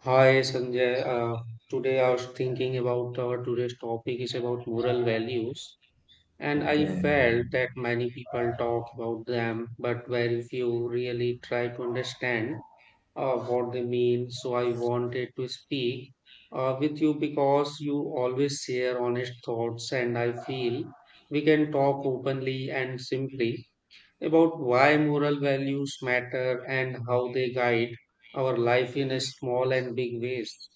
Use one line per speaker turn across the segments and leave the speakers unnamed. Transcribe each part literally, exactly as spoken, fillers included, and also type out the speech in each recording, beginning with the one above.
Hi Sanjay, uh, today I was thinking about our today's topic is about moral values, and I
Okay,
felt that many people talk about them, but very few really try to understand uh, what they mean. So I wanted to speak uh, with you because you always share honest thoughts, and I feel we can talk openly and simply about why moral values matter and how they guide our life in a small and big ways.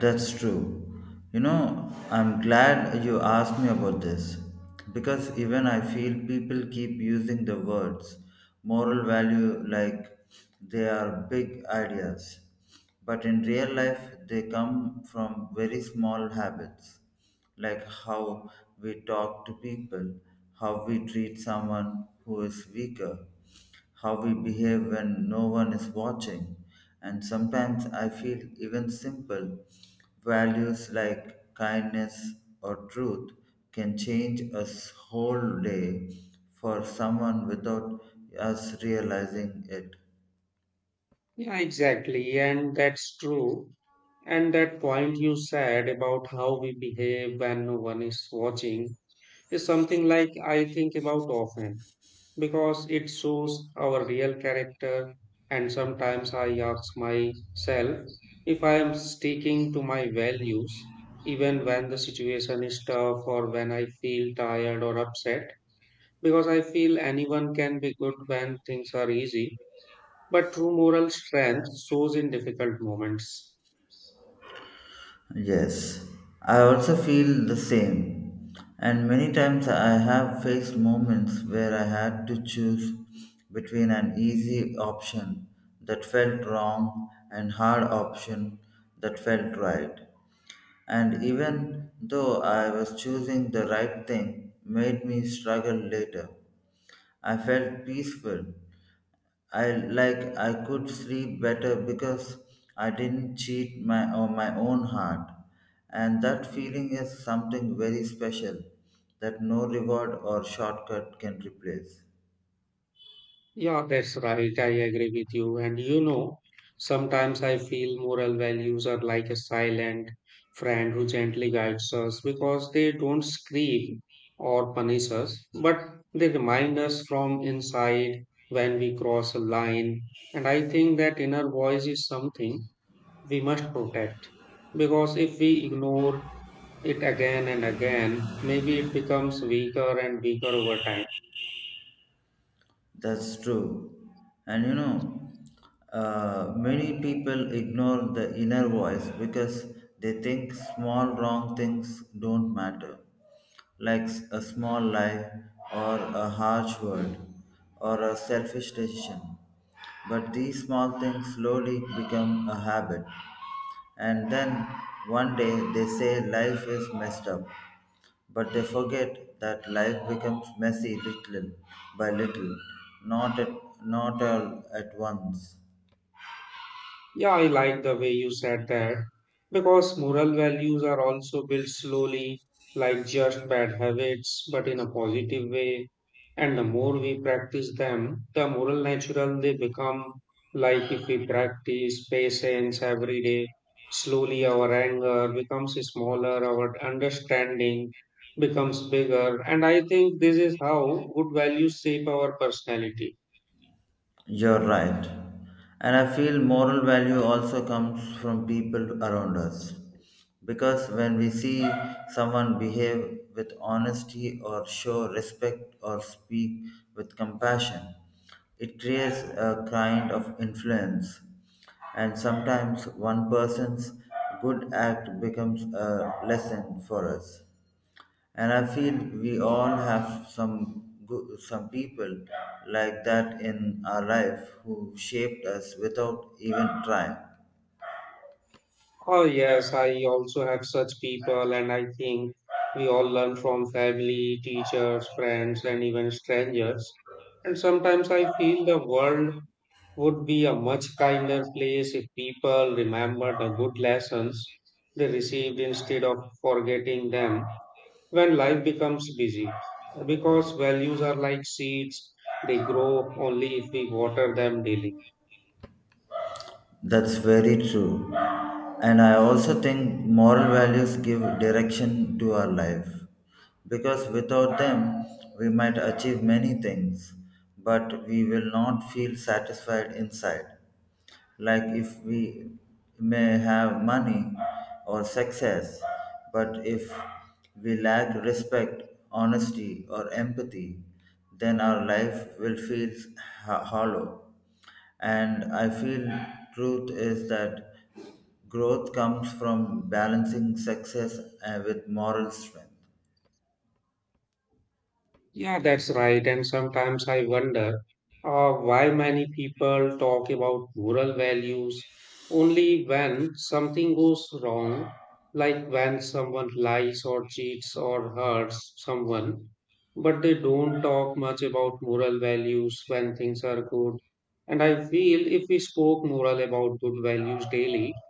that's true. You know, I'm glad you asked me about this because even I feel people keep using the words moral value like they are big ideas, but in real life, they come from very small habits like how we talk to people, how we treat someone who is weaker, how we behave when no one is watching. And sometimes I feel even simple values like kindness or truth can change a whole day for someone without us realizing it.
Yeah, exactly. And that's true. And that point you said about how we behave when no one is watching is something like I think about often because it shows our real character. And sometimes I ask myself if I am sticking to my values, even when the situation is tough or when I feel tired or upset, because I feel anyone can be good when things are easy. But true moral strength shows in difficult moments.
Yes, I also feel the same. And many times I have faced moments where I had to choose between an easy option that felt wrong and hard option that felt right. And even though I was choosing the right thing made me struggle later. I felt peaceful I like I could sleep better because I didn't cheat my or my own heart, and that feeling is something very special that no reward or shortcut can replace.
Yeah, that's right. I agree with you. And you know, sometimes I feel moral values are like a silent friend who gently guides us because they don't scream or punish us, but they remind us from inside when we cross a line. And I think that inner voice is something we must protect because if we ignore it again and again, maybe it becomes weaker and weaker over time.
That's true. And you know, uh, many people ignore the inner voice because they think small wrong things don't matter, like s- a small lie or a harsh word or a selfish decision. But these small things slowly become a habit, and then one day they say life is messed up but they forget that life becomes messy little by little, not at, not all at once.
Yeah, I like the way you said that because moral values are also built slowly, like just bad habits, but in a positive way. And the more we practice them, the more natural they become. Like if we practice patience every day, slowly our anger becomes smaller, our understanding becomes bigger. And I think this is how good values shape our personality.
You're right. And I feel moral value also comes from people around us. Because when we see someone behave with honesty or show respect or speak with compassion, it creates a kind of influence. And sometimes one person's good act becomes a lesson for us. And I feel we all have some go- some people like that in our life who shaped us without even trying.
Oh, yes, I also have such people, and I think we all learn from family, teachers, friends, and even strangers. And sometimes I feel the world would be a much kinder place if people remembered the good lessons they received instead of forgetting them when life becomes busy. Because values are like seeds, they grow only if we water them daily.
That's very true. And I also think moral values give direction to our life because without them, we might achieve many things, but we will not feel satisfied inside. Like if we may have money or success, but if we lack respect, honesty, or empathy, then our life will feel ho- hollow. And I feel truth is that growth comes from balancing success uh, with moral strength.
Yeah, that's right. And sometimes I wonder uh, why many people talk about moral values only when something goes wrong, like when someone lies or cheats or hurts someone. But they don't talk much about moral values when things are good. And I feel if we spoke moral about good values daily,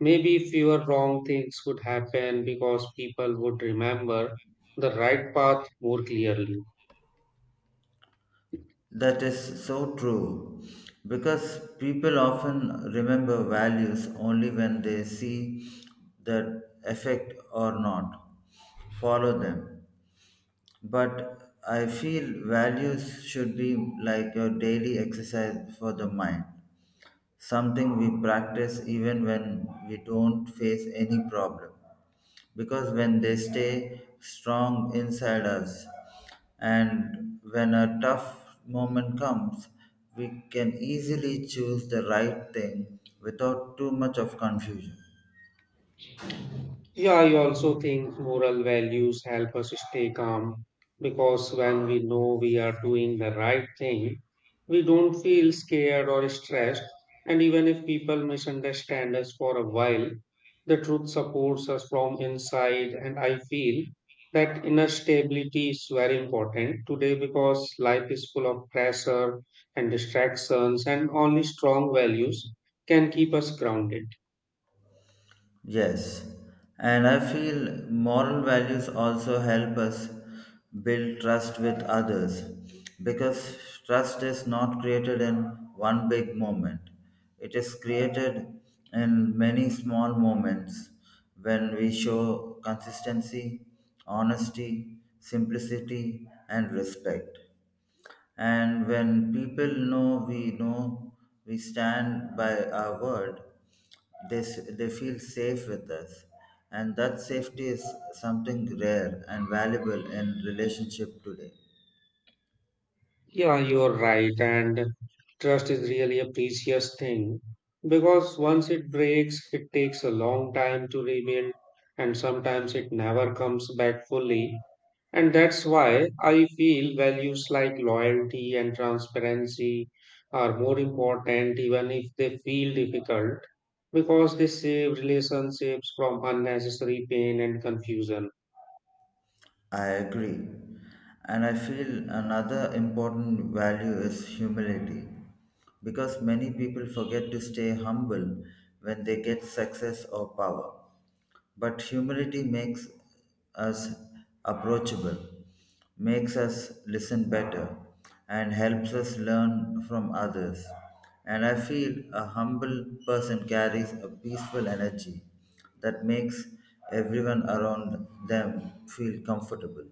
maybe fewer wrong things would happen because people would remember the right path more clearly.
That is so true because people often remember values only when they see that effect or not follow them. But I feel values should be like a daily exercise for the mind, something we practice even when we don't face any problem because when they stay strong inside us and when a tough moment comes we can easily choose the right thing without too much of confusion.
Yeah, I also think moral values help us stay calm because when we know we are doing the right thing, we don't feel scared or stressed. And even if people misunderstand us for a while, the truth supports us from inside. And I feel that inner stability is very important today because life is full of pressure and distractions, and only strong values can keep us grounded.
Yes, and I feel moral values also help us build trust with others because trust is not created in one big moment, it is created in many small moments when we show consistency, honesty, simplicity, and respect. And when people know we know we stand by our word, they, s- they feel safe with us. And that safety is something rare and valuable in relationship today.
Yeah, you're right. And trust is really a precious thing because once it breaks, it takes a long time to rebuild, and sometimes it never comes back fully. And that's why I feel values like loyalty and transparency are more important, even if they feel difficult, because they save relationships from unnecessary pain and confusion.
I agree. And I feel another important value is humility because many people forget to stay humble when they get success or power. But humility makes us approachable, makes us listen better, and helps us learn from others. And I feel a humble person carries a peaceful energy that makes everyone around them feel comfortable.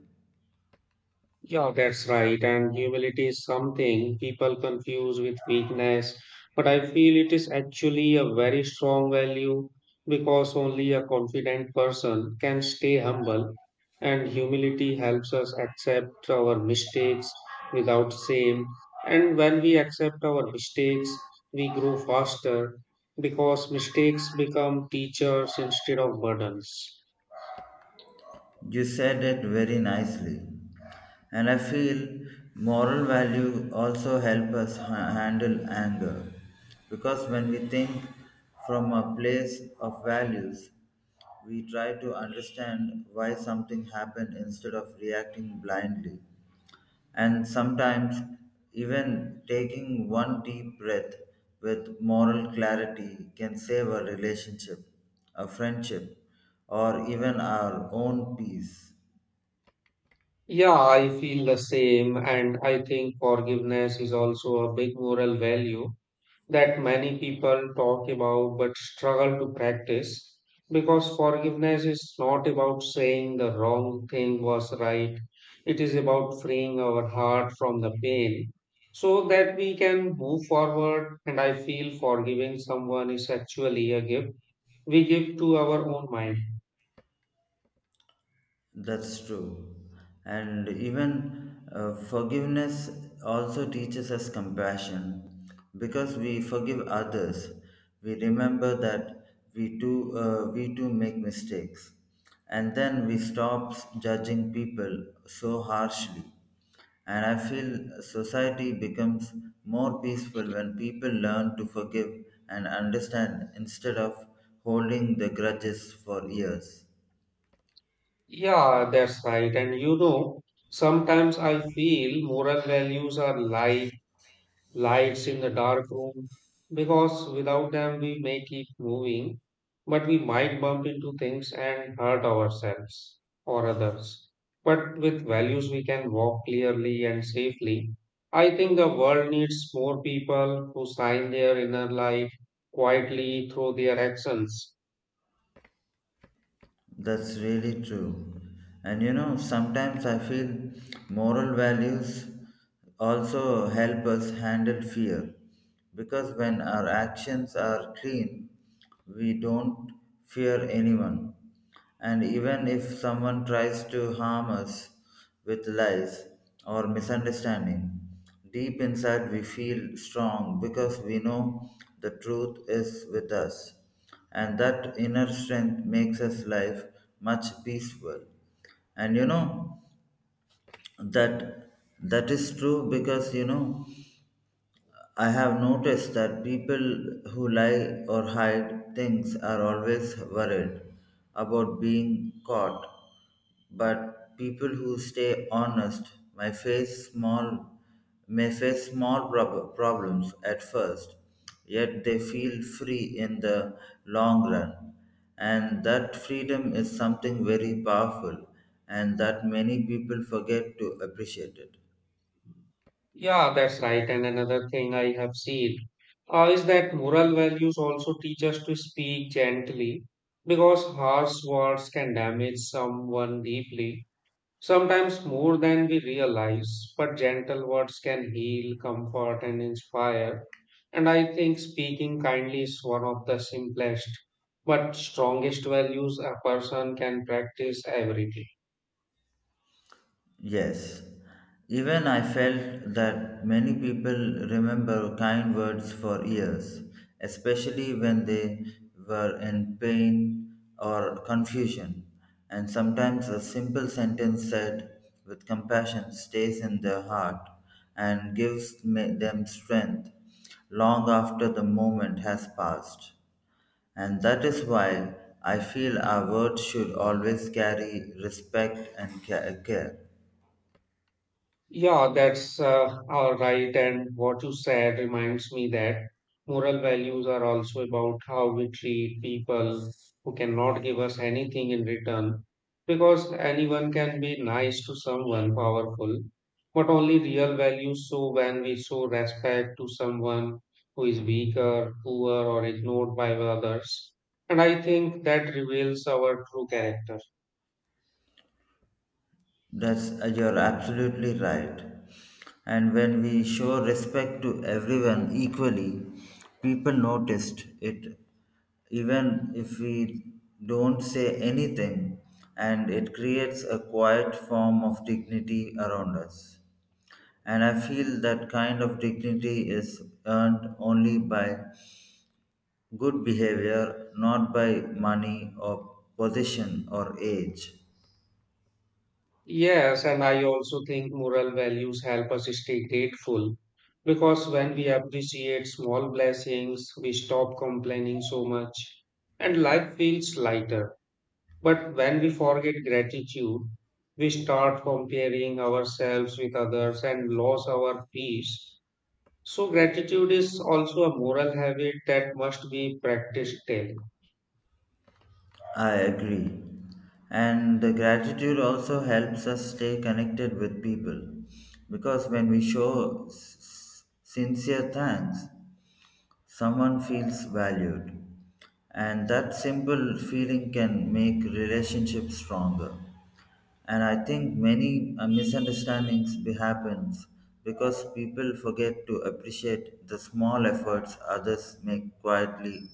Yeah, that's right. And humility is something people confuse with weakness, but I feel it is actually a very strong value because only a confident person can stay humble. And humility helps us accept our mistakes without shame. And when we accept our mistakes, we grow faster because mistakes become teachers instead of burdens.
You said it very nicely. And I feel moral value also help us ha- handle anger. Because when we think from a place of values, we try to understand why something happened instead of reacting blindly. And sometimes, even taking one deep breath with moral clarity can save a relationship, a friendship, or even our own peace.
Yeah, I feel the same, and I think forgiveness is also a big moral value that many people talk about but struggle to practice because forgiveness is not about saying the wrong thing was right, it is about freeing our heart from the pain so that we can move forward. And I feel forgiving someone is actually a gift we give to our own mind.
That's true. And even uh, forgiveness also teaches us compassion. Because we forgive others, we remember that we too, uh, we too make mistakes. And then we stop judging people so harshly. And I feel society becomes more peaceful when people learn to forgive and understand instead of holding the grudges for years.
Yeah, that's right. And you know, sometimes I feel moral values are like lights in the dark room because without them we may keep moving, but we might bump into things and hurt ourselves or others. But with values, we can walk clearly and safely. I think the world needs more people who shine their inner light quietly through their actions.
That's really true. And you know, sometimes I feel moral values also help us handle fear because when our actions are clean, we don't fear anyone. And even if someone tries to harm us with lies or misunderstanding, deep inside, we feel strong because we know the truth is with us, and that inner strength makes us life much peaceful. And you know that that is true because you know I have noticed that people who lie or hide things are always worried about being caught. But people who stay honest may face small may face small prob- problems at first, yet they feel free in the long run. And that freedom is something very powerful and that many people forget to appreciate it.
Yeah, that's right. And another thing I have seen uh, is that moral values also teach us to speak gently because harsh words can damage someone deeply, sometimes more than we realize. But gentle words can heal, comfort, and inspire. And I think speaking kindly is one of the simplest but strongest values a person can practice every day.
Yes, even I felt that many people remember kind words for years, especially when they were in pain or confusion. And sometimes a simple sentence said with compassion stays in their heart and gives ma- them strength long after the moment has passed. And that is why I feel our words should always carry respect and ca- care.
Yeah, that's uh, all right. And what you said reminds me that moral values are also about how we treat people who cannot give us anything in return. Because anyone can be nice to someone powerful, but only real values show when we show respect to someone who is weaker, poor, or ignored by others. And I think that reveals our true character.
That's uh, you're absolutely right. And when we show respect to everyone equally, people noticed it even if we don't say anything and it creates a quiet form of dignity around us. And I feel that kind of dignity is earned only by good behavior, not by money or position or age.
Yes, and I also think moral values help us stay grateful because when we appreciate small blessings, we stop complaining so much and life feels lighter. But when we forget gratitude, we start comparing ourselves with others and lose our peace. So, gratitude is also a moral habit that must be practiced daily.
I agree. And the gratitude also helps us stay connected with people because when we show s- s- sincere thanks, someone feels valued. And that simple feeling can make relationships stronger. And I think many uh, misunderstandings be- happens because people forget to appreciate the small efforts others make quietly.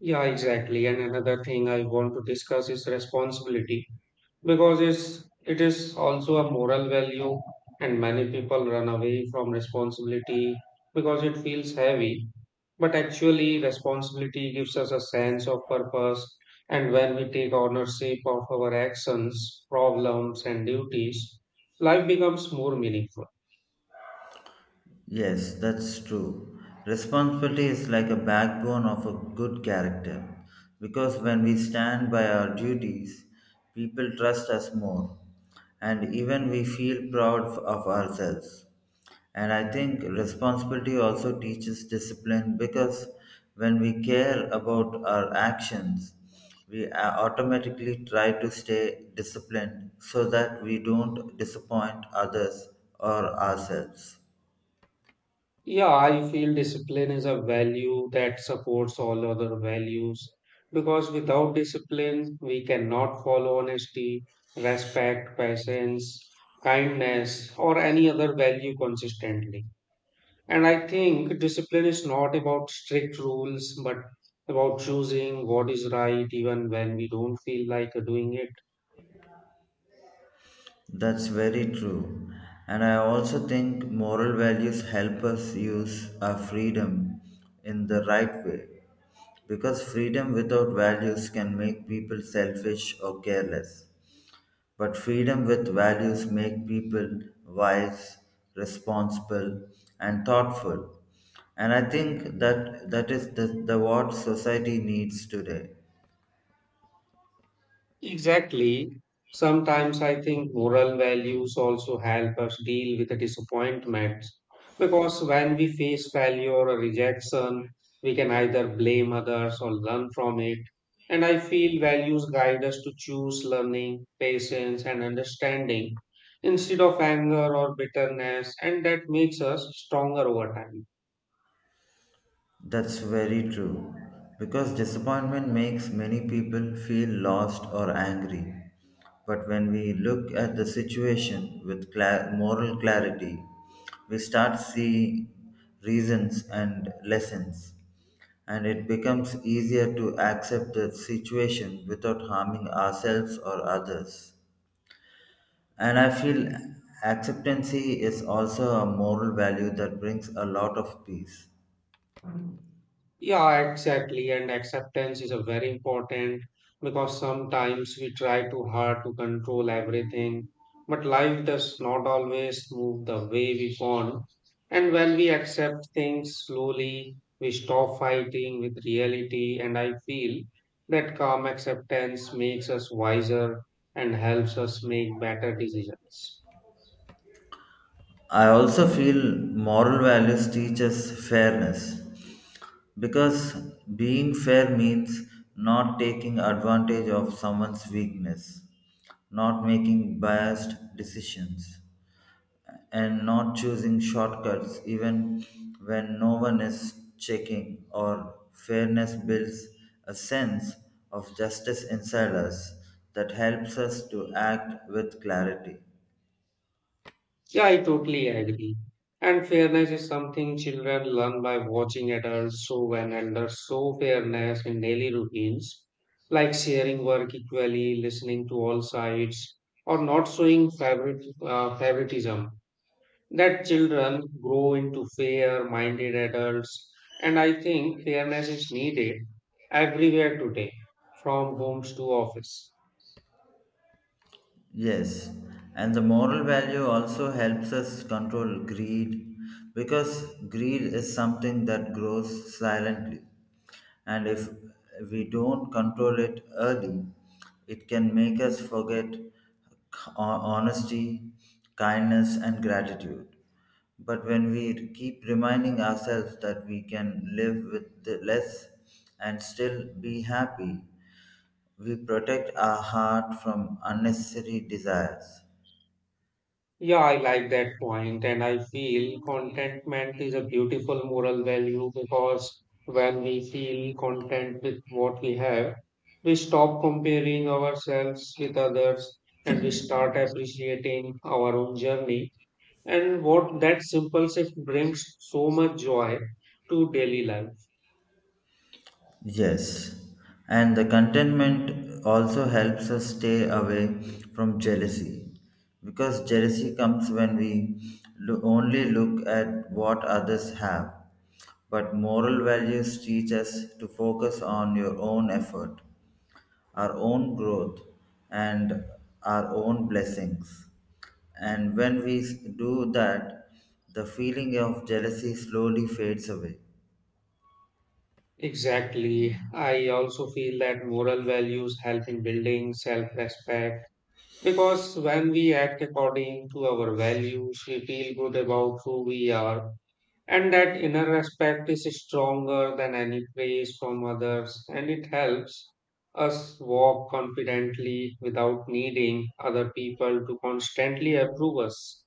Yeah, exactly. And another thing I want to discuss is responsibility because it's, it is also a moral value and many people run away from responsibility because it feels heavy but actually responsibility gives us a sense of purpose and when we take ownership of our actions problems and duties life becomes more meaningful.
Yes, that's true. Responsibility is like a backbone of a good character because when we stand by our duties, people trust us more and even we feel proud of ourselves. And I think responsibility also teaches discipline because when we care about our actions, we a- automatically try to stay disciplined so that we don't disappoint others or ourselves.
Yeah, I feel discipline is a value that supports all other values because without discipline, we cannot follow honesty, respect, patience, kindness, or any other value consistently. And I think discipline is not about strict rules, but about choosing what is right even when we don't feel like doing it.
That's very true. And I also think moral values help us use our freedom in the right way. Because freedom without values can make people selfish or careless. But freedom with values make people wise, responsible, and thoughtful. And I think that that is the, the what society needs today.
Exactly. Sometimes I think moral values also help us deal with the disappointments because when we face failure or rejection, we can either blame others or learn from it. And I feel values guide us to choose learning, patience, and understanding instead of anger or bitterness, and that makes us stronger over time.
That's very true, because disappointment makes many people feel lost or angry. But when we look at the situation with cla moral clarity, we start see reasons and lessons, and it becomes easier to accept the situation without harming ourselves or others. And I feel acceptancy is also a moral value that brings a lot of peace.
Yeah, exactly. And acceptance is a very important because sometimes we try too hard to control everything, but life does not always move the way we want. And when we accept things slowly, we stop fighting with reality. And I feel that calm acceptance makes us wiser and helps us make better decisions.
I also feel moral values teach us fairness because being fair means not taking advantage of someone's weakness, not making biased decisions, and not choosing shortcuts even when no one is checking, or fairness builds a sense of justice inside us that helps us to act with clarity.
Yeah, I totally agree. And fairness is something children learn by watching adults. So when elders show fairness in daily routines, like sharing work equally, listening to all sides, or not showing favorite, uh, favoritism, that children grow into fair-minded adults. And I think fairness is needed everywhere today, from homes to office.
Yes, and the moral value also helps us control greed because greed is something that grows silently. And if we don't control it early, it can make us forget hon- honesty, kindness, and gratitude. But when we keep reminding ourselves that we can live with the less and still be happy, we protect our heart from unnecessary desires.
Yeah, I like that point, and I feel contentment is a beautiful moral value because when we feel content with what we have, we stop comparing ourselves with others and we start appreciating our own journey. And what that simple shift brings so much joy to daily life.
Yes, and the contentment also helps us stay away from jealousy because jealousy comes when we lo- only look at what others have. But moral values teach us to focus on your own effort, our own growth, and our own blessings. And when we s- do that, the feeling of jealousy slowly fades away.
Exactly. I also feel that moral values help in building self respect. Because when we act according to our values, we feel good about who we are, and that inner respect is stronger than any praise from others, and it helps us walk confidently without needing other people to constantly approve us.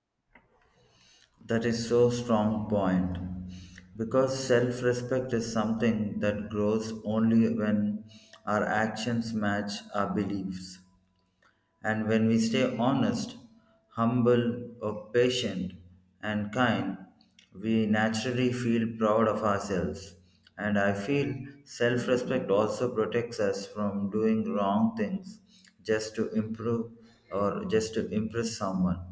That is so strong point. Because self-respect is something that grows only when our actions match our beliefs. And when we stay honest, humble, or patient, and kind, we naturally feel proud of ourselves. And I feel self respect also protects us from doing wrong things just to improve or just to impress someone.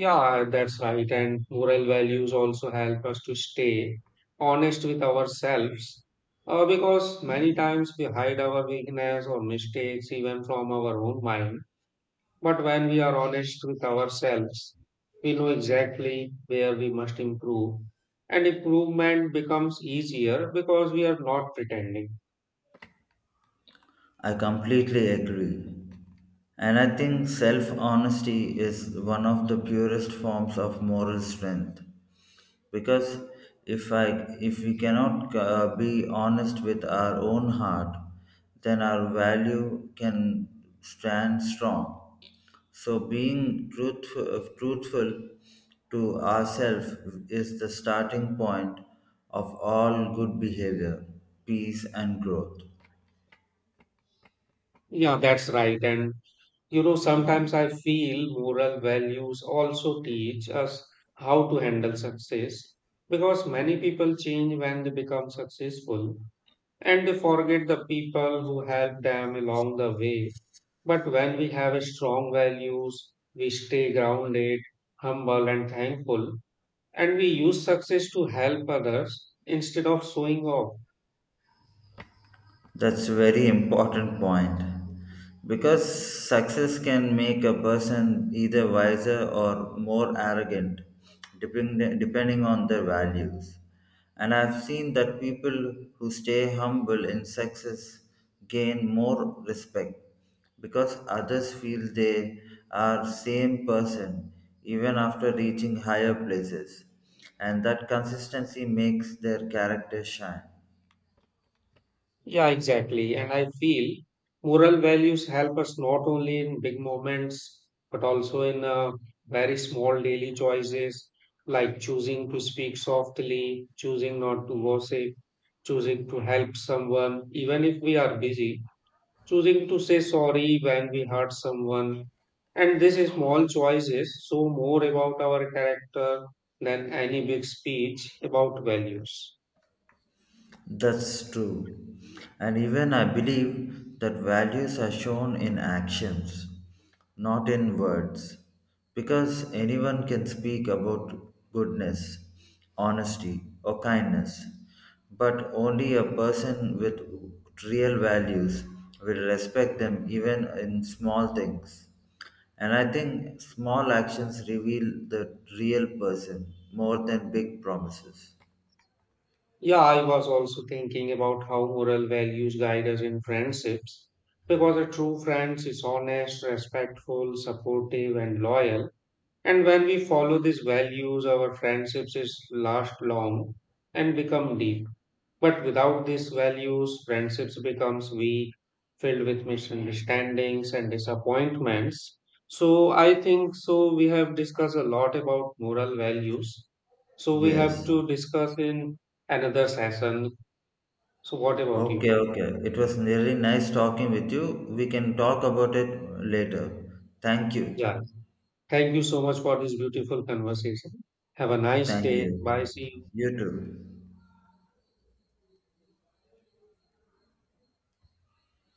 Yeah, that's right. And moral values also help us to stay honest with ourselves. Uh, because many times we hide our weakness or mistakes even from our own mind. But when we are honest with ourselves, we know exactly where we must improve, and improvement becomes easier because we are not pretending.
I completely agree. And I think self honesty is one of the purest forms of moral strength. Because if i if we cannot uh, be honest with our own heart then our value can stand strong, so being truthful, truthful to ourselves is the starting point of all good behavior, peace and growth.
Yeah, that's right. And you know, sometimes I feel moral values also teach us how to handle success because many people change when they become successful and they forget the people who helped them along the way. But when we have strong values, we stay grounded, humble, and thankful, and we use success to help others instead of showing off.
That's very important point because success can make a person either wiser or more arrogant, depend, depending on their values. And I've seen that people who stay humble in success gain more respect because others feel they are same person even after reaching higher places and that consistency makes their character shine.
Yeah, exactly. And I feel moral values help us not only in big moments, but also in uh, very small daily choices like choosing to speak softly, choosing not to gossip, choosing to help someone, even if we are busy, choosing to say sorry when we hurt someone. And these small choices show more about our character than any big speech about values.
That's true. And even I believe that values are shown in actions, not in words. Because anyone can speak about goodness, honesty, or kindness, but only a person with real values will respect them even in small things. And I think small actions reveal the real person more than big promises.
Yeah, I was also thinking about how moral values guide us in friendships because a true friend is honest, respectful, supportive, and loyal. And when we follow these values, our friendships is last long and become deep. But without these values, friendships becomes weak, filled with misunderstandings and disappointments. So I think so we have discussed a lot about moral values. So we have
Yes.
to discuss in another session. So what about
Okay,
you?
okay. It was really nice talking with you. We can talk about it later. Thank you.
Yeah. Thank you so much for this beautiful conversation. Have a nice
Thank
day. Bye.
you.
See you.
You too.